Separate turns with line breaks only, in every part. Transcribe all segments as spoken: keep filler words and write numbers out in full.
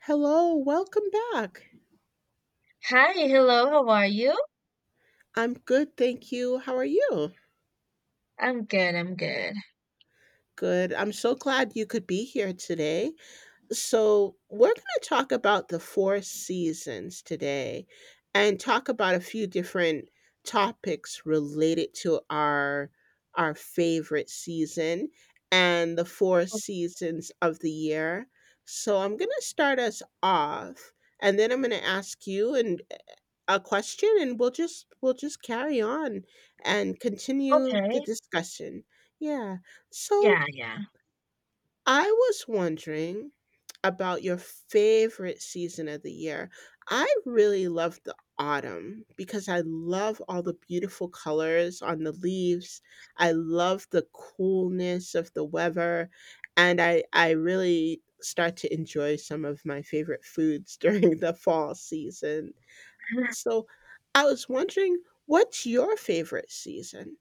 Hello, welcome back.
Hi, hello, how are you?
I'm good, thank you. How are you?
I'm good, I'm good.
Good. I'm so glad you could be here today. So, we're going to talk about the four seasons today and talk about a few different topics related to our our favorite season and the four
O-
seasons of the year. So, I'm going to start us off and then I'm going to ask you and a question and we'll just we'll just carry on and continue the
Okay,
discussion. Yeah. So
yeah, yeah.
I was wondering about your favorite season of the year. I really love the autumn because I love all the beautiful colors on the leaves. I love the coolness of the weather and I I really start to enjoy some of my favorite foods during the fall season. So, I was wondering, what's your favorite season?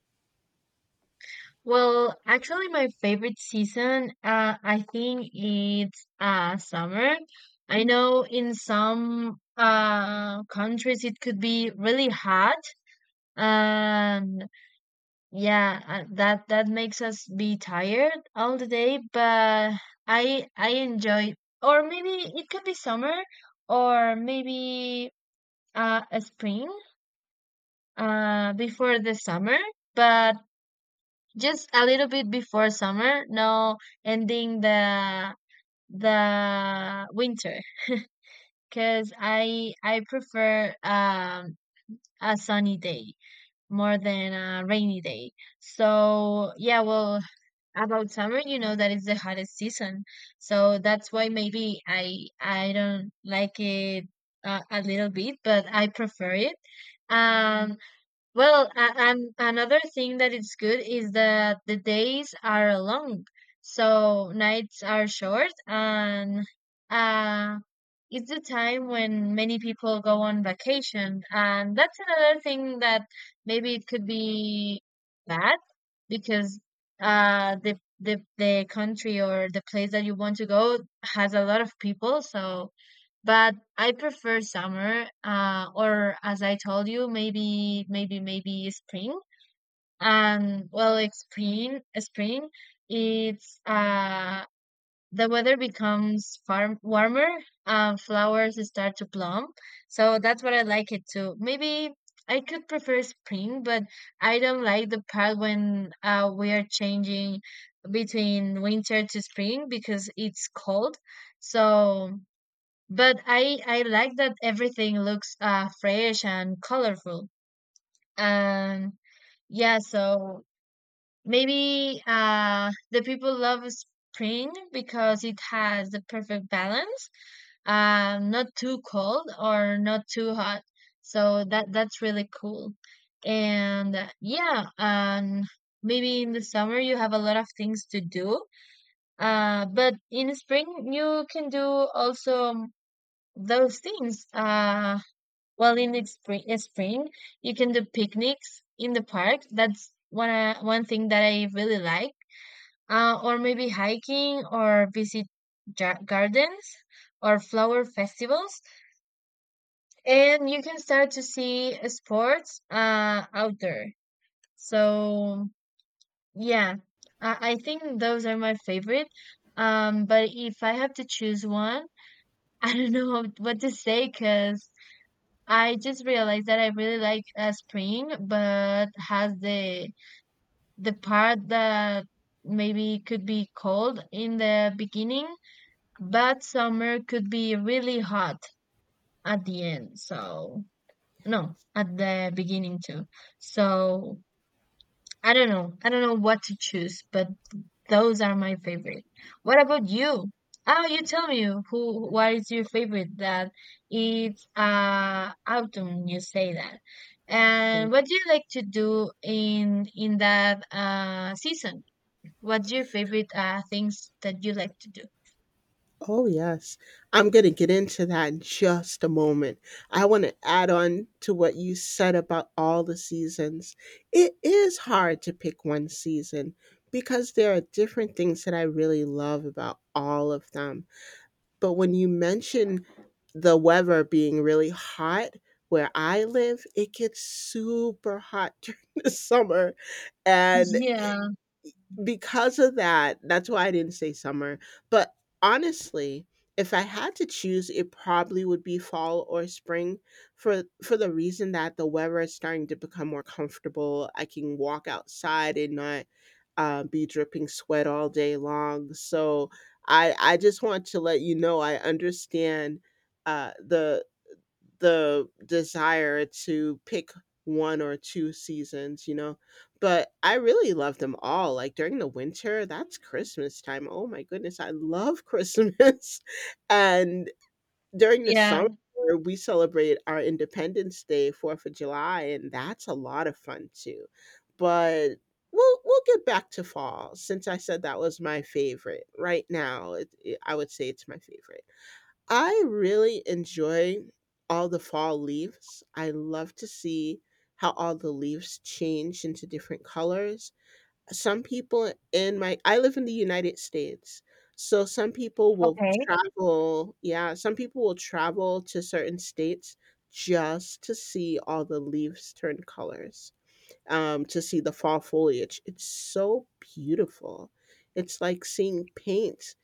Well, actually, my favorite season, uh, I think it's uh summer. I know in some uh countries it could be really hot, and yeah, uh, that that makes us be tired all the day. But I I enjoy, or maybe it could be summer, or maybe uh a spring. Uh before the summer, but just a little bit before summer, no ending the the winter because I I prefer um a sunny day more than a rainy day. So yeah, well, about summer, you know that it's the hottest season. So that's why maybe I I don't like it uh, a little bit, but I prefer it. Um Well, a- and another thing that is good is that the days are long, so nights are short, and uh, it's the time when many people go on vacation, and that's another thing that maybe it could be bad because uh, the the the country or the place that you want to go has a lot of people, so but I prefer summer, uh, or as I told you, maybe, maybe, maybe spring. And well, like spring, spring, it's uh, the weather becomes far warmer, and flowers start to bloom. So that's what I like it too. Maybe I could prefer spring, but I don't like the part when uh, we are changing between winter to spring because it's cold. So. But I I like that everything looks uh fresh and colorful. And yeah, so maybe uh the people love spring because it has the perfect balance. Uh, not too cold or not too hot. So that that's really cool. And uh, yeah, and maybe in the summer you have a lot of things to do. Uh, but in spring you can do also those things. Uh well, in the spring, uh, spring, you can do picnics in the park. That's one uh, one thing that I really like. Uh, or maybe hiking, or visit ja gardens, or flower festivals, and you can start to see uh, sports uh, out there. So yeah, I, I think those are my favorite. Um, but if I have to choose one, I don't know what to say because I just realized that I really like uh, spring, but has the the part that maybe could be cold in the beginning, but summer could be really hot at the end. So no, at the beginning too. So I don't know. I don't know what to choose, but those are my favorite. What about you? Oh, you tell me who what is your favorite. That it's uh autumn, you say that. And
So
what do you like to do in in that uh season? What's your favorite uh things that you like to do?
oh, yes. I'm gonna get into that in just a moment. I wanna add on to what you said about all the seasons. It is hard to pick one season because there are different things that I really love about all of them. But when you mention the weather being really hot where I live, it gets super hot during the summer, and
Yeah,
because of that, that's why I didn't say summer. But honestly, if I had to choose, it probably would be fall or spring for for the reason that the weather is starting to become more comfortable. I can walk outside and not uh, be dripping sweat all day long. So I I just want to let you know I understand uh, the the desire to pick one or two seasons, you know. But I really love them all. Like during the winter, that's Christmas time. Oh my goodness, I love Christmas. And during the summer,
yeah.
we celebrate our Independence Day, fourth of July, and that's a lot of fun too. But we'll we'll get back to fall since I said that was my favorite. Right now, it, it- I would say it's my favorite. I really enjoy all the fall leaves. I love to see how all the leaves change into different colors. Some people in my I live in the United States. So some people will
Okay.
travel, yeah, some people will travel to certain states just to see all the leaves turn colors. Um, to see the fall foliage. It's so beautiful. It's like seeing paint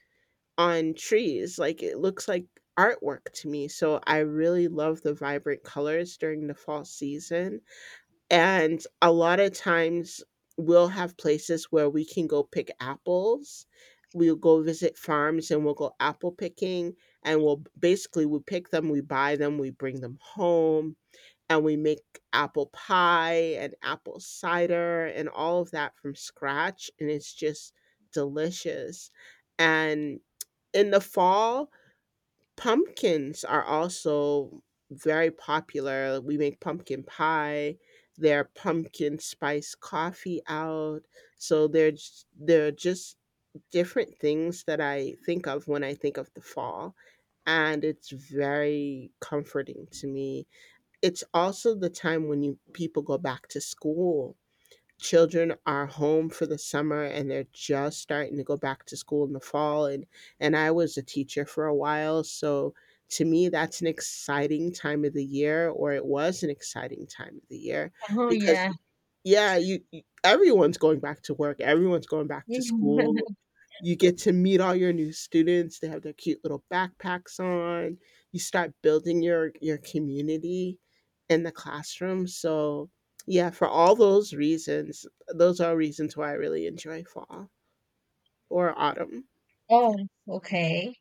on trees. Like it looks like artwork to me. So I really love the vibrant colors during the fall season. And a lot of times we'll have places where we can go pick apples. We'll go visit farms and we'll go apple picking and we'll basically we pick them, we buy them, we bring them home and we make apple pie and apple cider and all of that from scratch and it's just delicious. And in the fall, pumpkins are also very popular. We make pumpkin pie. There are pumpkin spice coffee out. So there's there are just different things that I think of when I think of the fall. And it's very comforting to me. It's also the time when you people go back to school, children are home for the summer and they're just starting to go back to school in the fall, and and I was a teacher for a while, so to me that's an exciting time of the year, or it was an exciting time of the year,
Oh yeah.
because yeah, you, you everyone's going back to work, everyone's going back to school, you get to meet all your new students, they have their cute little backpacks on, you start building your your community in the classroom. So yeah, for all those reasons, those are reasons why I really enjoy fall or autumn. Yeah,
Oh, okay.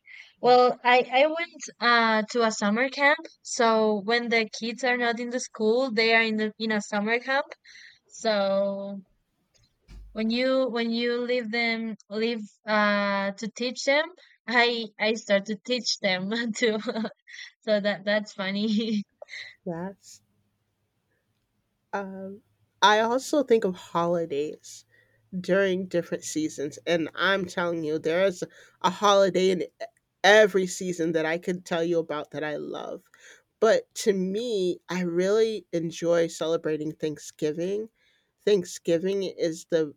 yeah,
Well, I I went uh to a summer camp. So when the kids are not in the school, they are in the in a summer camp. So when you when you leave them leave uh to teach them, I I start to teach them too. So that that's funny.
that's um, I also think of holidays during different seasons, and I'm telling you there's a holiday in every season that I could tell you about that I love. But to me, I really enjoy celebrating Thanksgiving. Thanksgiving is the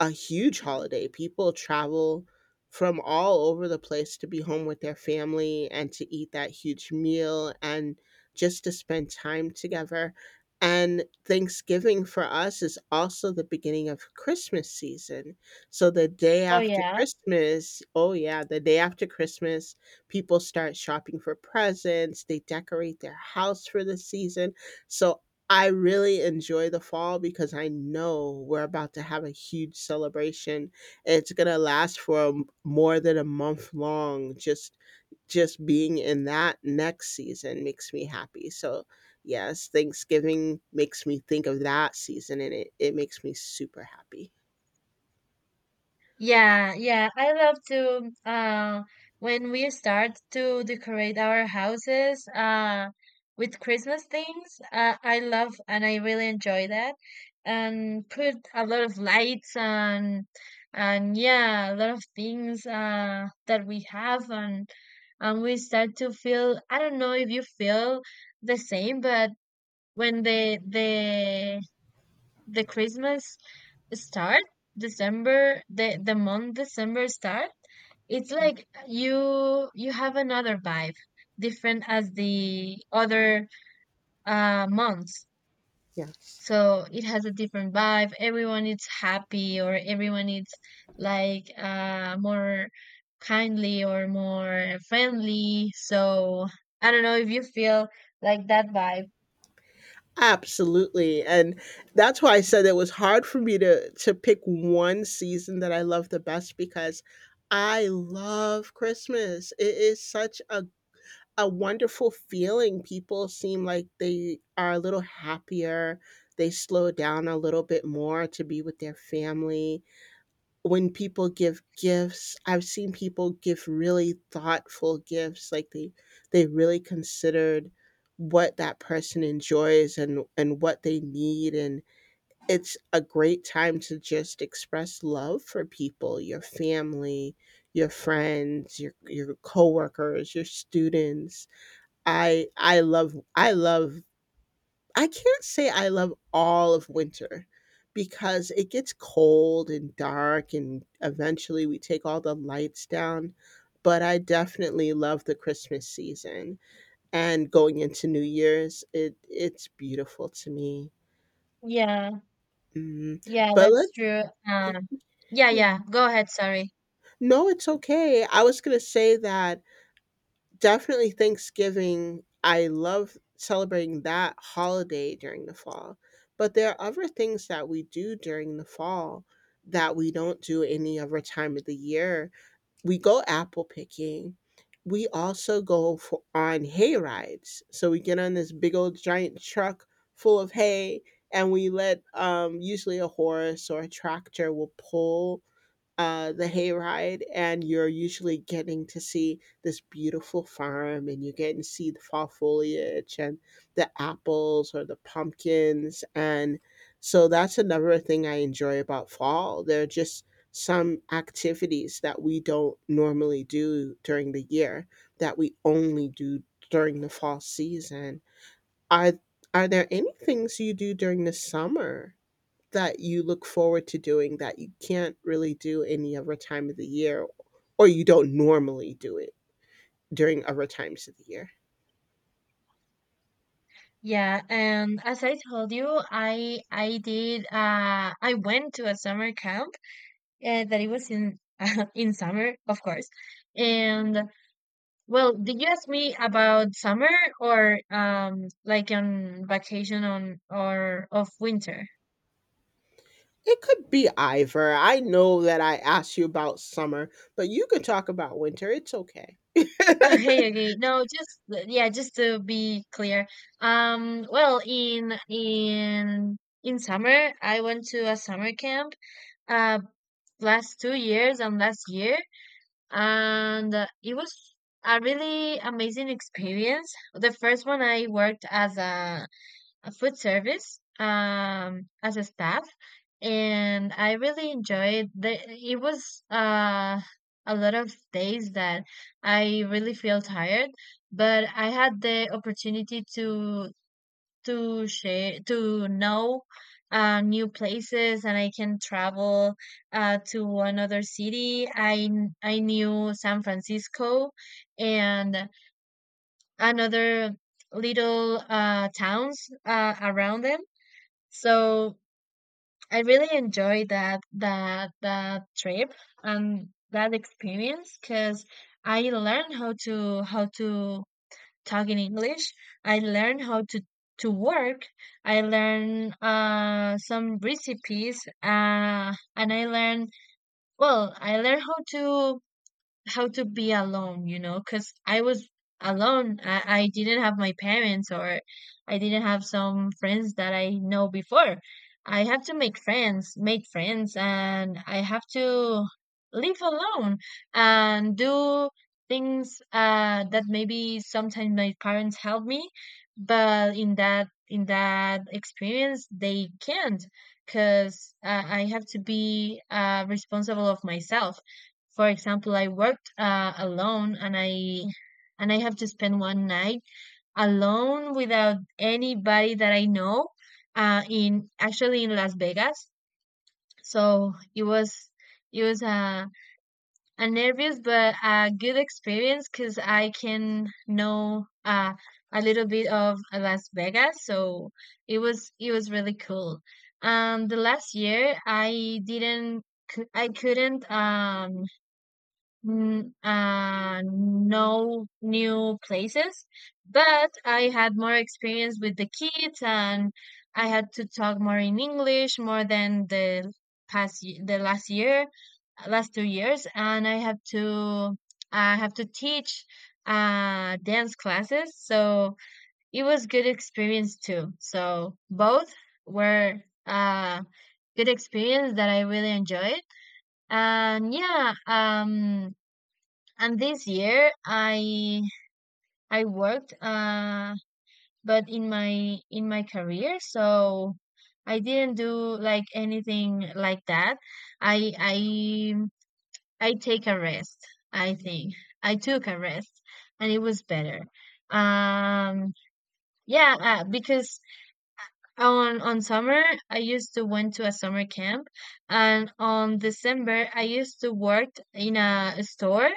a huge holiday. People travel from all over the place to be home with their family and to eat that huge meal and just to spend time together. And Thanksgiving for us is also the beginning of Christmas season. So the day
Oh
after
yeah.
Christmas, oh yeah, the day after Christmas, people start shopping for presents, they decorate their house for the season. So I really enjoy the fall because I know we're about to have a huge celebration. It's going to last for a m- more than a month long. Just just being in that next season makes me happy. So, yes, Thanksgiving makes me think of that season, and it, it makes me super happy.
Yeah, yeah, I love to uh, when we start to decorate our houses uh, with Christmas things. Uh, I love and I really enjoy that, and put a lot of lights and and yeah, a lot of things uh, that we have, and and we start to feel. I don't know if you feel the same. But when the the the Christmas start, December, the the month December start, it's like you you have another vibe, different as the other uh months.
Yes.
So it has a different vibe. Everyone is happy or everyone is like uh more kindly or more friendly. So I don't know if you feel like that vibe.
Absolutely, and that's why I said it was hard for me to to pick one season that I love the best, because I love Christmas. It is such a a wonderful feeling. People seem like they are a little happier. They slow down a little bit more to be with their family. When people give gifts, I've seen people give really thoughtful gifts, like they they really considered what that person enjoys and and what they need, and it's a great time to just express love for people, your family, your friends, your your coworkers, your students. I i love i love I can't say I love all of winter because it gets cold and dark, and eventually we take all the lights down. But I definitely love the Christmas season and going into New Year's. It it's beautiful to me.
Yeah,
Mm,
yeah,
but
that's
let
true. Um, yeah,
yeah.
yeah. Go ahead, sorry.
No, it's okay. I was gonna say that definitely Thanksgiving. I love celebrating that holiday during the fall. But there are other things that we do during the fall that we don't do any other time of the year. We go apple picking. We also go for, on hay rides. So we get on this big old giant truck full of hay, and we let um, usually a horse or a tractor will pull uh, the hayride, and you're usually getting to see this beautiful farm, and you get to see the fall foliage and the apples or the pumpkins, and so that's another thing I enjoy about fall. There are just some activities that we don't normally do during the year that we only do during the fall season. Are are there any things you do during the summer that you look forward to doing that you can't really do any other time of the year, or you don't normally do it during other times of the year?
Yeah, and as I told you, I I did uh I went to a summer camp uh, that it was in in summer, of course. And well, did you ask me about summer or um like on vacation on or of winter?
It could be either. I know that I asked you about summer, but you can talk about winter. It's okay.
Okay, okay. No, just yeah, just to be clear. Um, well, in in in summer, I went to a summer camp uh last two years and last year, and uh, it was a really amazing experience. The first one I worked as a, a food service um as a staff, and I really enjoyed the it was uh a lot of days that I really feel tired. But I had the opportunity to to share to know uh, new places, and I can travel uh, to another city. I kn- I knew San Francisco and another little uh, towns uh, around them. So I really enjoyed that that that trip and that experience because I learned how to how to talking English. I learned how to to work. I learned uh, some recipes, uh, and I learned well. I learned how to how to be alone, you know, because I was alone. I, I didn't have my parents, or I didn't have some friends that I know before. I have to make friends, make friends, and I have to live alone and do things uh, that maybe sometimes my parents help me. But in that in that experience they can't because uh, I have to be uh, responsible of myself. For example, I worked uh, alone, and I and I have to spend one night alone without anybody that I know uh, in actually in Las Vegas. So it was it was uh, a nervous but a good experience because I can know uh, a little bit of Las Vegas. So it was it was really cool. Um, the last year I didn't cou- I couldn't um Mm, uh, no new places. But I had more experience with the kids, and I had to talk more in English more than the past y- the last year, last two years. And I have to I have to teach uh dance classes, so it was good experience too. So both were uh good experience that I really enjoyed. And yeah, um and this year i i worked uh but in my in my career, so I didn't do like anything like that. i i I take a rest. I think I took a rest, and it was better. um yeah, uh, because on on summer I used to went to a summer camp, and on December I used to work in a store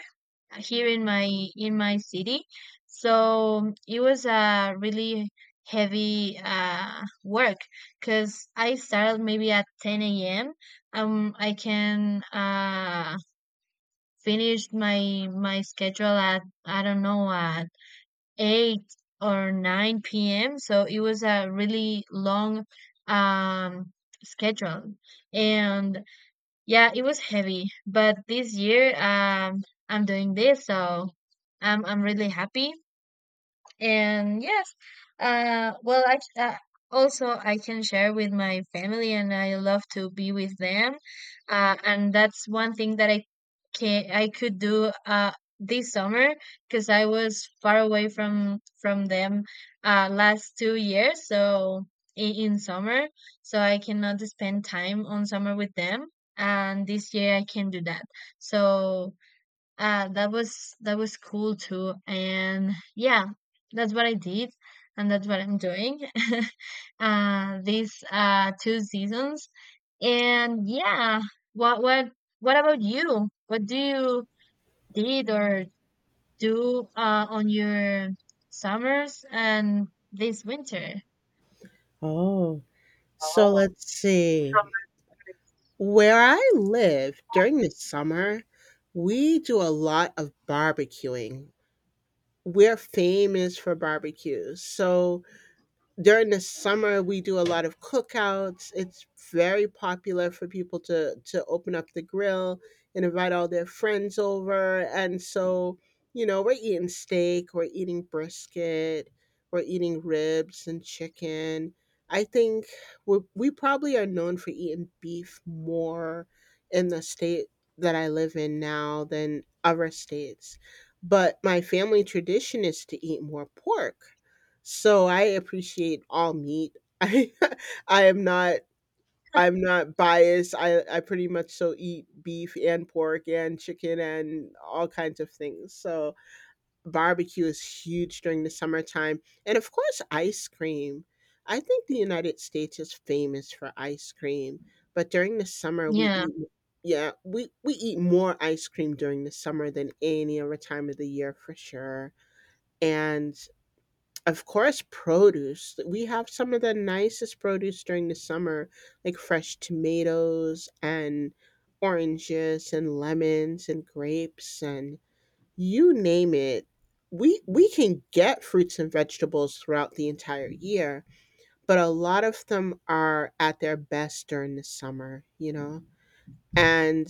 here in my in my city. So it was a really heavy uh work because I started maybe at ten a.m. um I can uh finish my my schedule at I don't know uh eight or nine p m. So it was a really long um, schedule. And yeah, it was heavy. But this year, um, I'm doing this. So I'm, I'm really happy. And yes, uh, well, I uh, also I can share with my family, and I love to be with them. Uh, and that's one thing that I can I could do uh this summer because I was far away from from them uh last two years. So in, in summer, so I cannot spend time on summer with them. And this year I can do that. So uh that was that was cool too. And yeah, that's what I did, and that's what I'm doing. Uh these uh two seasons. And yeah, what what what about you? What do you did or do uh on your summers and this winter?
Oh, so let's see. Where I live during the summer, we do a lot of barbecuing. We're famous for barbecues. So during the summer we do a lot of cookouts. It's very popular for people to to open up the grill and invite all their friends over, and so you know, we're eating steak, we're eating brisket, we're eating ribs and chicken. I think we we probably are known for eating beef more in the state that I live in now than other states, but my family tradition is to eat more pork. So I appreciate all meat. I I am not I'm not biased. I, I pretty much so eat beef and pork and chicken and all kinds of things. So barbecue is huge during the summertime. And of course ice cream. I think the United States is famous for ice cream. But during the summer we
Yeah.
eat yeah, we, we eat more ice cream during the summer than any other time of the year for sure. And of course, produce. We have some of the nicest produce during the summer, like fresh tomatoes and oranges and lemons and grapes and you name it. We we can get fruits and vegetables throughout the entire year, but a lot of them are at their best during the summer, you know? And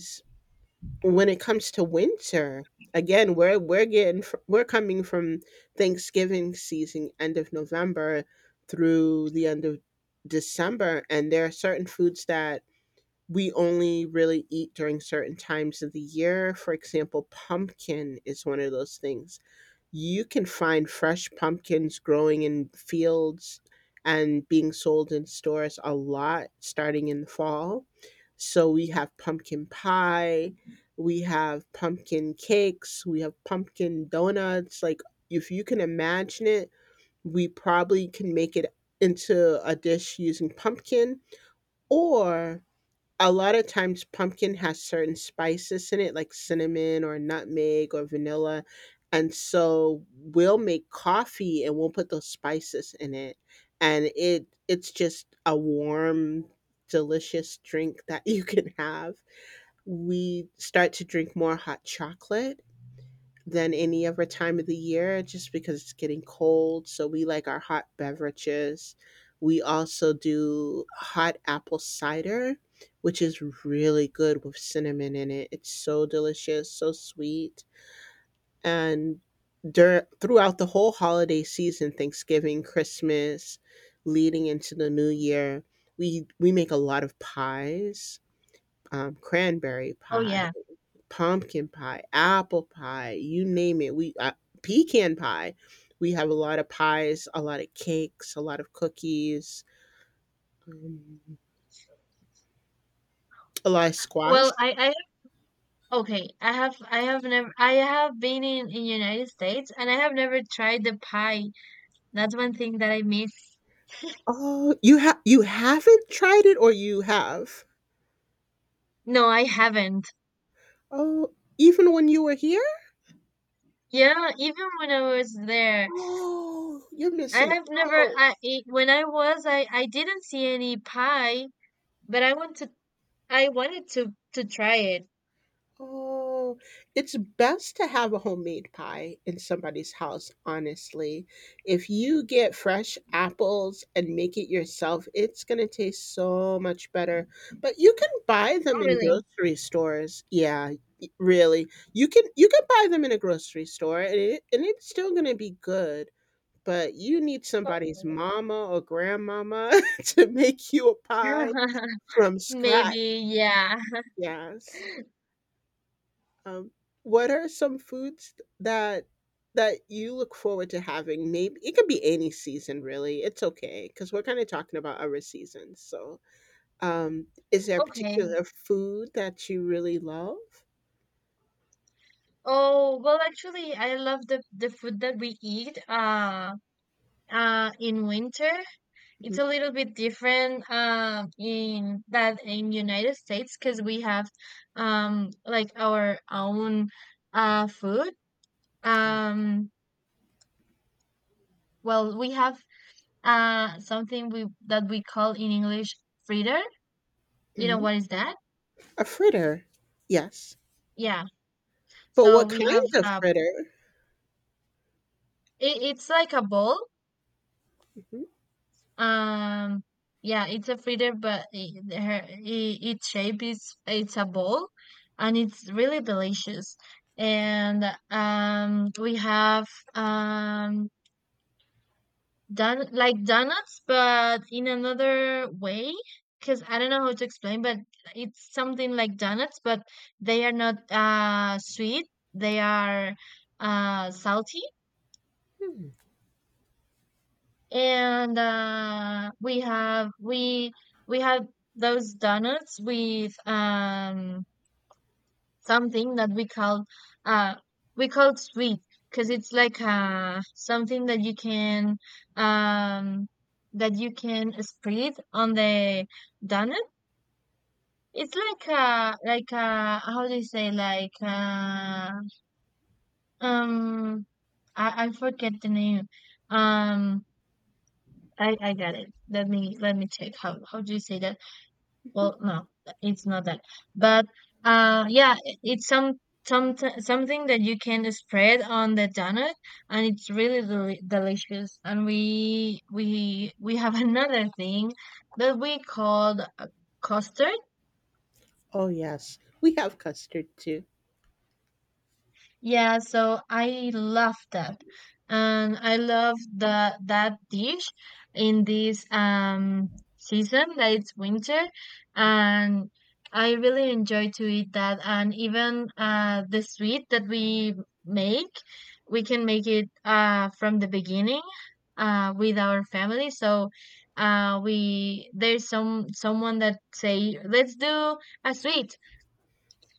when it comes to winter, again, we're we're getting fr- we're coming from Thanksgiving season, end of November through the end of December, and there are certain foods that we only really eat during certain times of the year. For example, pumpkin is one of those things. You can find fresh pumpkins growing in fields and being sold in stores a lot starting in the fall. So we have pumpkin pie, we have pumpkin cakes, we have pumpkin donuts. Like, if you can imagine it, we probably can make it into a dish using pumpkin. Or a lot of times pumpkin has certain spices in it like cinnamon or nutmeg or vanilla, and so we'll make coffee and we'll put those spices in it, and it it's just a warm, delicious drink that you can have. We start to drink more hot chocolate than any other time of the year, just because it's getting cold. So we like our hot beverages. We also do hot apple cider, which is really good with cinnamon in it. It's so delicious, so sweet. And dur- throughout the whole holiday season, Thanksgiving, Christmas, leading into the new year, we, we make a lot of pies, um, cranberry
Oh
pie,
yeah.
pumpkin pie, apple pie, you name it. We uh, pecan pie. We have a lot of pies, a lot of cakes, a lot of cookies, um, a lot of squash.
Well, I, I okay. I have I have never I have been in in United States, and I have never tried the pie. That's one thing that I miss.
Oh, you have, you haven't tried it, or you have?
No, I haven't.
Oh, even when you were here?
Yeah, even when I was there,
Oh, you're
I
missing
have never
out.
I ate, when I was I I didn't see any pie. But I want to I wanted to to try it.
Oh, it's best to have a homemade pie in somebody's house, honestly. If you get fresh apples and make it yourself, it's going to taste so much better. But you can buy
Oh,
them in
really?
grocery stores. Yeah, y- really. You can, you can buy them in a grocery store and it, and it's still going to be good, but you need somebody's
Okay.
mama or grandmama to make you a pie from scratch.
Maybe, yeah.
Yes. Um, what are some foods that that you look forward to having? Maybe it could be any season, really. It's okay because we're kind of talking about other seasons. So, um, is there a
Okay.
particular food that you really love?
Oh, well, actually, I love the the food that we eat uh uh in winter.
Mhm.
It's a little bit different um in that in United States because we have um like our own uh food.
Yeah.
um well, we have uh something we that we call in English fritter. You know
Mhm.
what is that?
A fritter, yes.
Yeah.
But
So
what
we have
kind of
uh
fritter?
it, it's like a bowl. Um, yeah, it's a feeder, but i- her, i- its shape is it's a ball, and it's really delicious. And um, we have um done like donuts, but in another way, because I don't know how to explain. But it's something like donuts, but they are not uh sweet. They are uh salty.
Mhm.
And uh, we have we we had those donuts with um something that we call, uh we call sweet, because it's like uh something that you can, um that you can spread on the donut. It's like uh like uh how do you say, like uh um I, I forget the name. um I I got it. Let me let me check how how do you say that. Well, no, it's not that. But uh, yeah, it- it's some some something that you can spread on the donut, and it's really deli delicious. And we we we have another thing that we called, uh, custard.
Oh yes, we have custard too.
Yeah, so I love that. And I love the that dish in this um season that it's winter. And I really enjoy to eat that, and even uh the sweet that we make, we can make it uh from the beginning uh with our family. So uh we there's some someone that say let's do a sweet,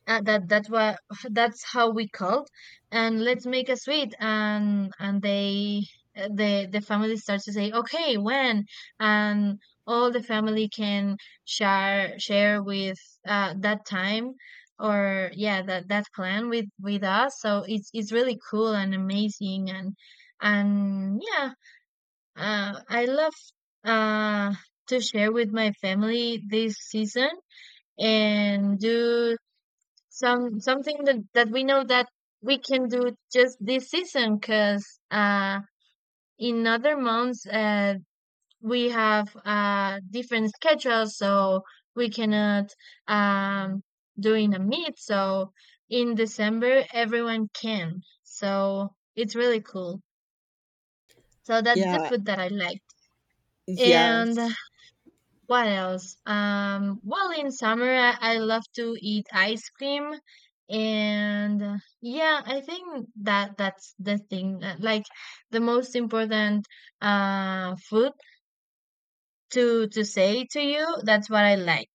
uh, that that's what that's how we called. And let's make a suite, and and they, uh, the the family starts to say okay when, and all the family can share share with, uh, that time or yeah, that that plan with with us. So it's it's really cool and amazing. And and yeah. uh, I love uh to share with my family this season, and do some something that, that we know that we can do just this season because uh, in other months uh, we have uh, different schedules. So we cannot um, doing a meet. So in December everyone can, so it's really cool. So that's the
Yeah.
food that I liked. And
Yes.
what else? Um, well, in summer, I, I love to eat ice cream. And uh, yeah, I think that that's the thing. uh, Like the most important uh food to to say to you. That's what I like.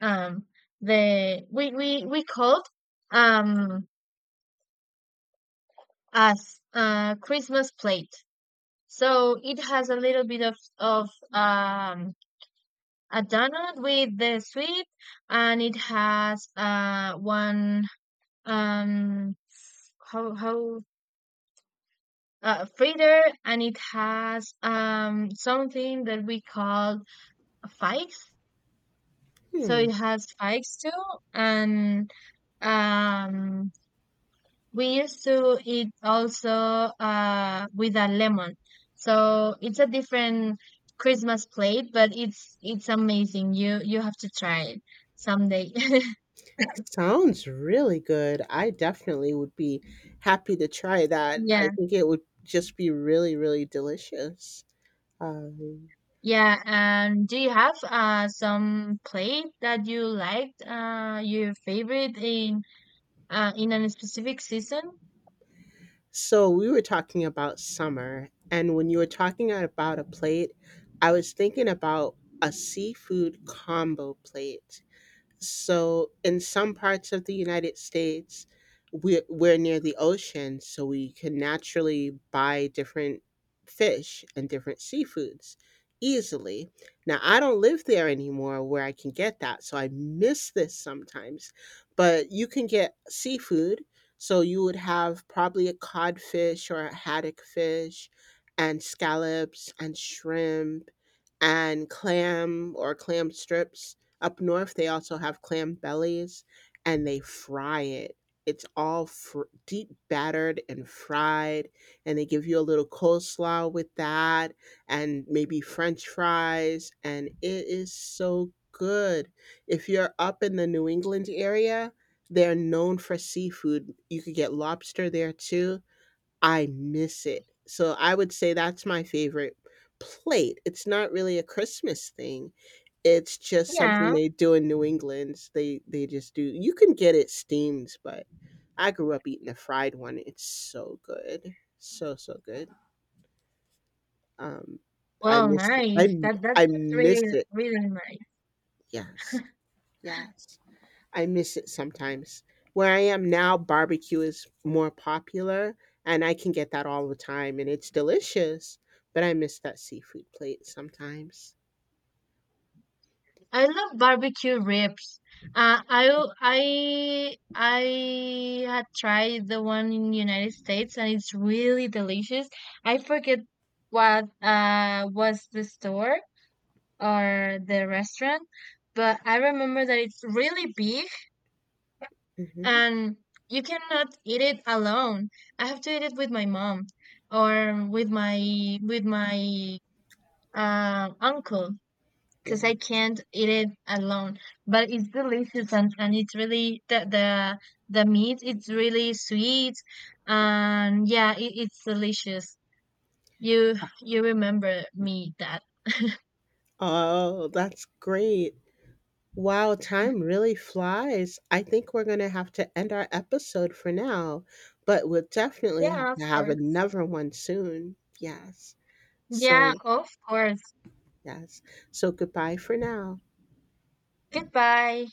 Um, the we we we called, um as uh Christmas plate. So it has a little bit of of um a donut with the sweet. And it has uh one, um how how uh, fritter. And it has um something that we call fikes. So
Hmm.
it has fikes too. And um we used to eat also uh with a lemon. So it's a different Christmas plate, but it's it's amazing. You you have to try it someday.
Sounds really good. I definitely would be happy to try that. I
Yeah.
think it would just be really, really delicious. Um,
Yeah, and do you have uh some play that you liked, uh your favorite in uh in a specific season?
so we were talking about summer, and when you were talking about a plate, I was thinking about a seafood combo plate. So, in some parts of the United States, we're, we're near the ocean, so we can naturally buy different fish and different seafoods easily. Now, I don't live there anymore where I can get that, so I miss this sometimes. But you can get seafood, so you would have probably a codfish or a haddock fish, and scallops and shrimp and clam or clam strips. Up north, they also have clam bellies and they fry it. It's all fr- deep battered and fried, and they give you a little coleslaw with that, and maybe French fries, and it is so good. If you're up in the New England area, they're known for seafood. You could get lobster there too. I miss it. So I would say that's my favorite plate. It's not really a Christmas thing. It's just something
Yeah.
they do in New England. They they just do. You can get it steamed, but I grew up eating a fried one. It's so good. So so good. Um I
Well,
miss it. I
nice. That that's
I
really
miss it.
really nice.
Yes. Yes. I miss it sometimes. Where I am now, barbecue is more popular and I can get that all the time and it's delicious, but I miss that seafood plate sometimes.
I love barbecue ribs. Uh, I al- I I had tried the one in United States, and it's really delicious. I forget what uh was the store or the restaurant, but I remember that it's really big,
Hmm.
and you cannot eat it alone. I have to eat it with my mom, or with my with my uh, uncle, because
Yeah.
I can't eat it alone. But it's delicious, and, and it's really the the the meat. It's really sweet. And yeah, it, it's delicious. You you remember me that?
Oh, that's great. Wow, time really flies. I think we're going to have to end our episode for now, but we'll definitely have
Yeah, of
to have
course.
another one soon. Yes.
Yeah,
So,
of course.
yes. So, goodbye for now.
Goodbye.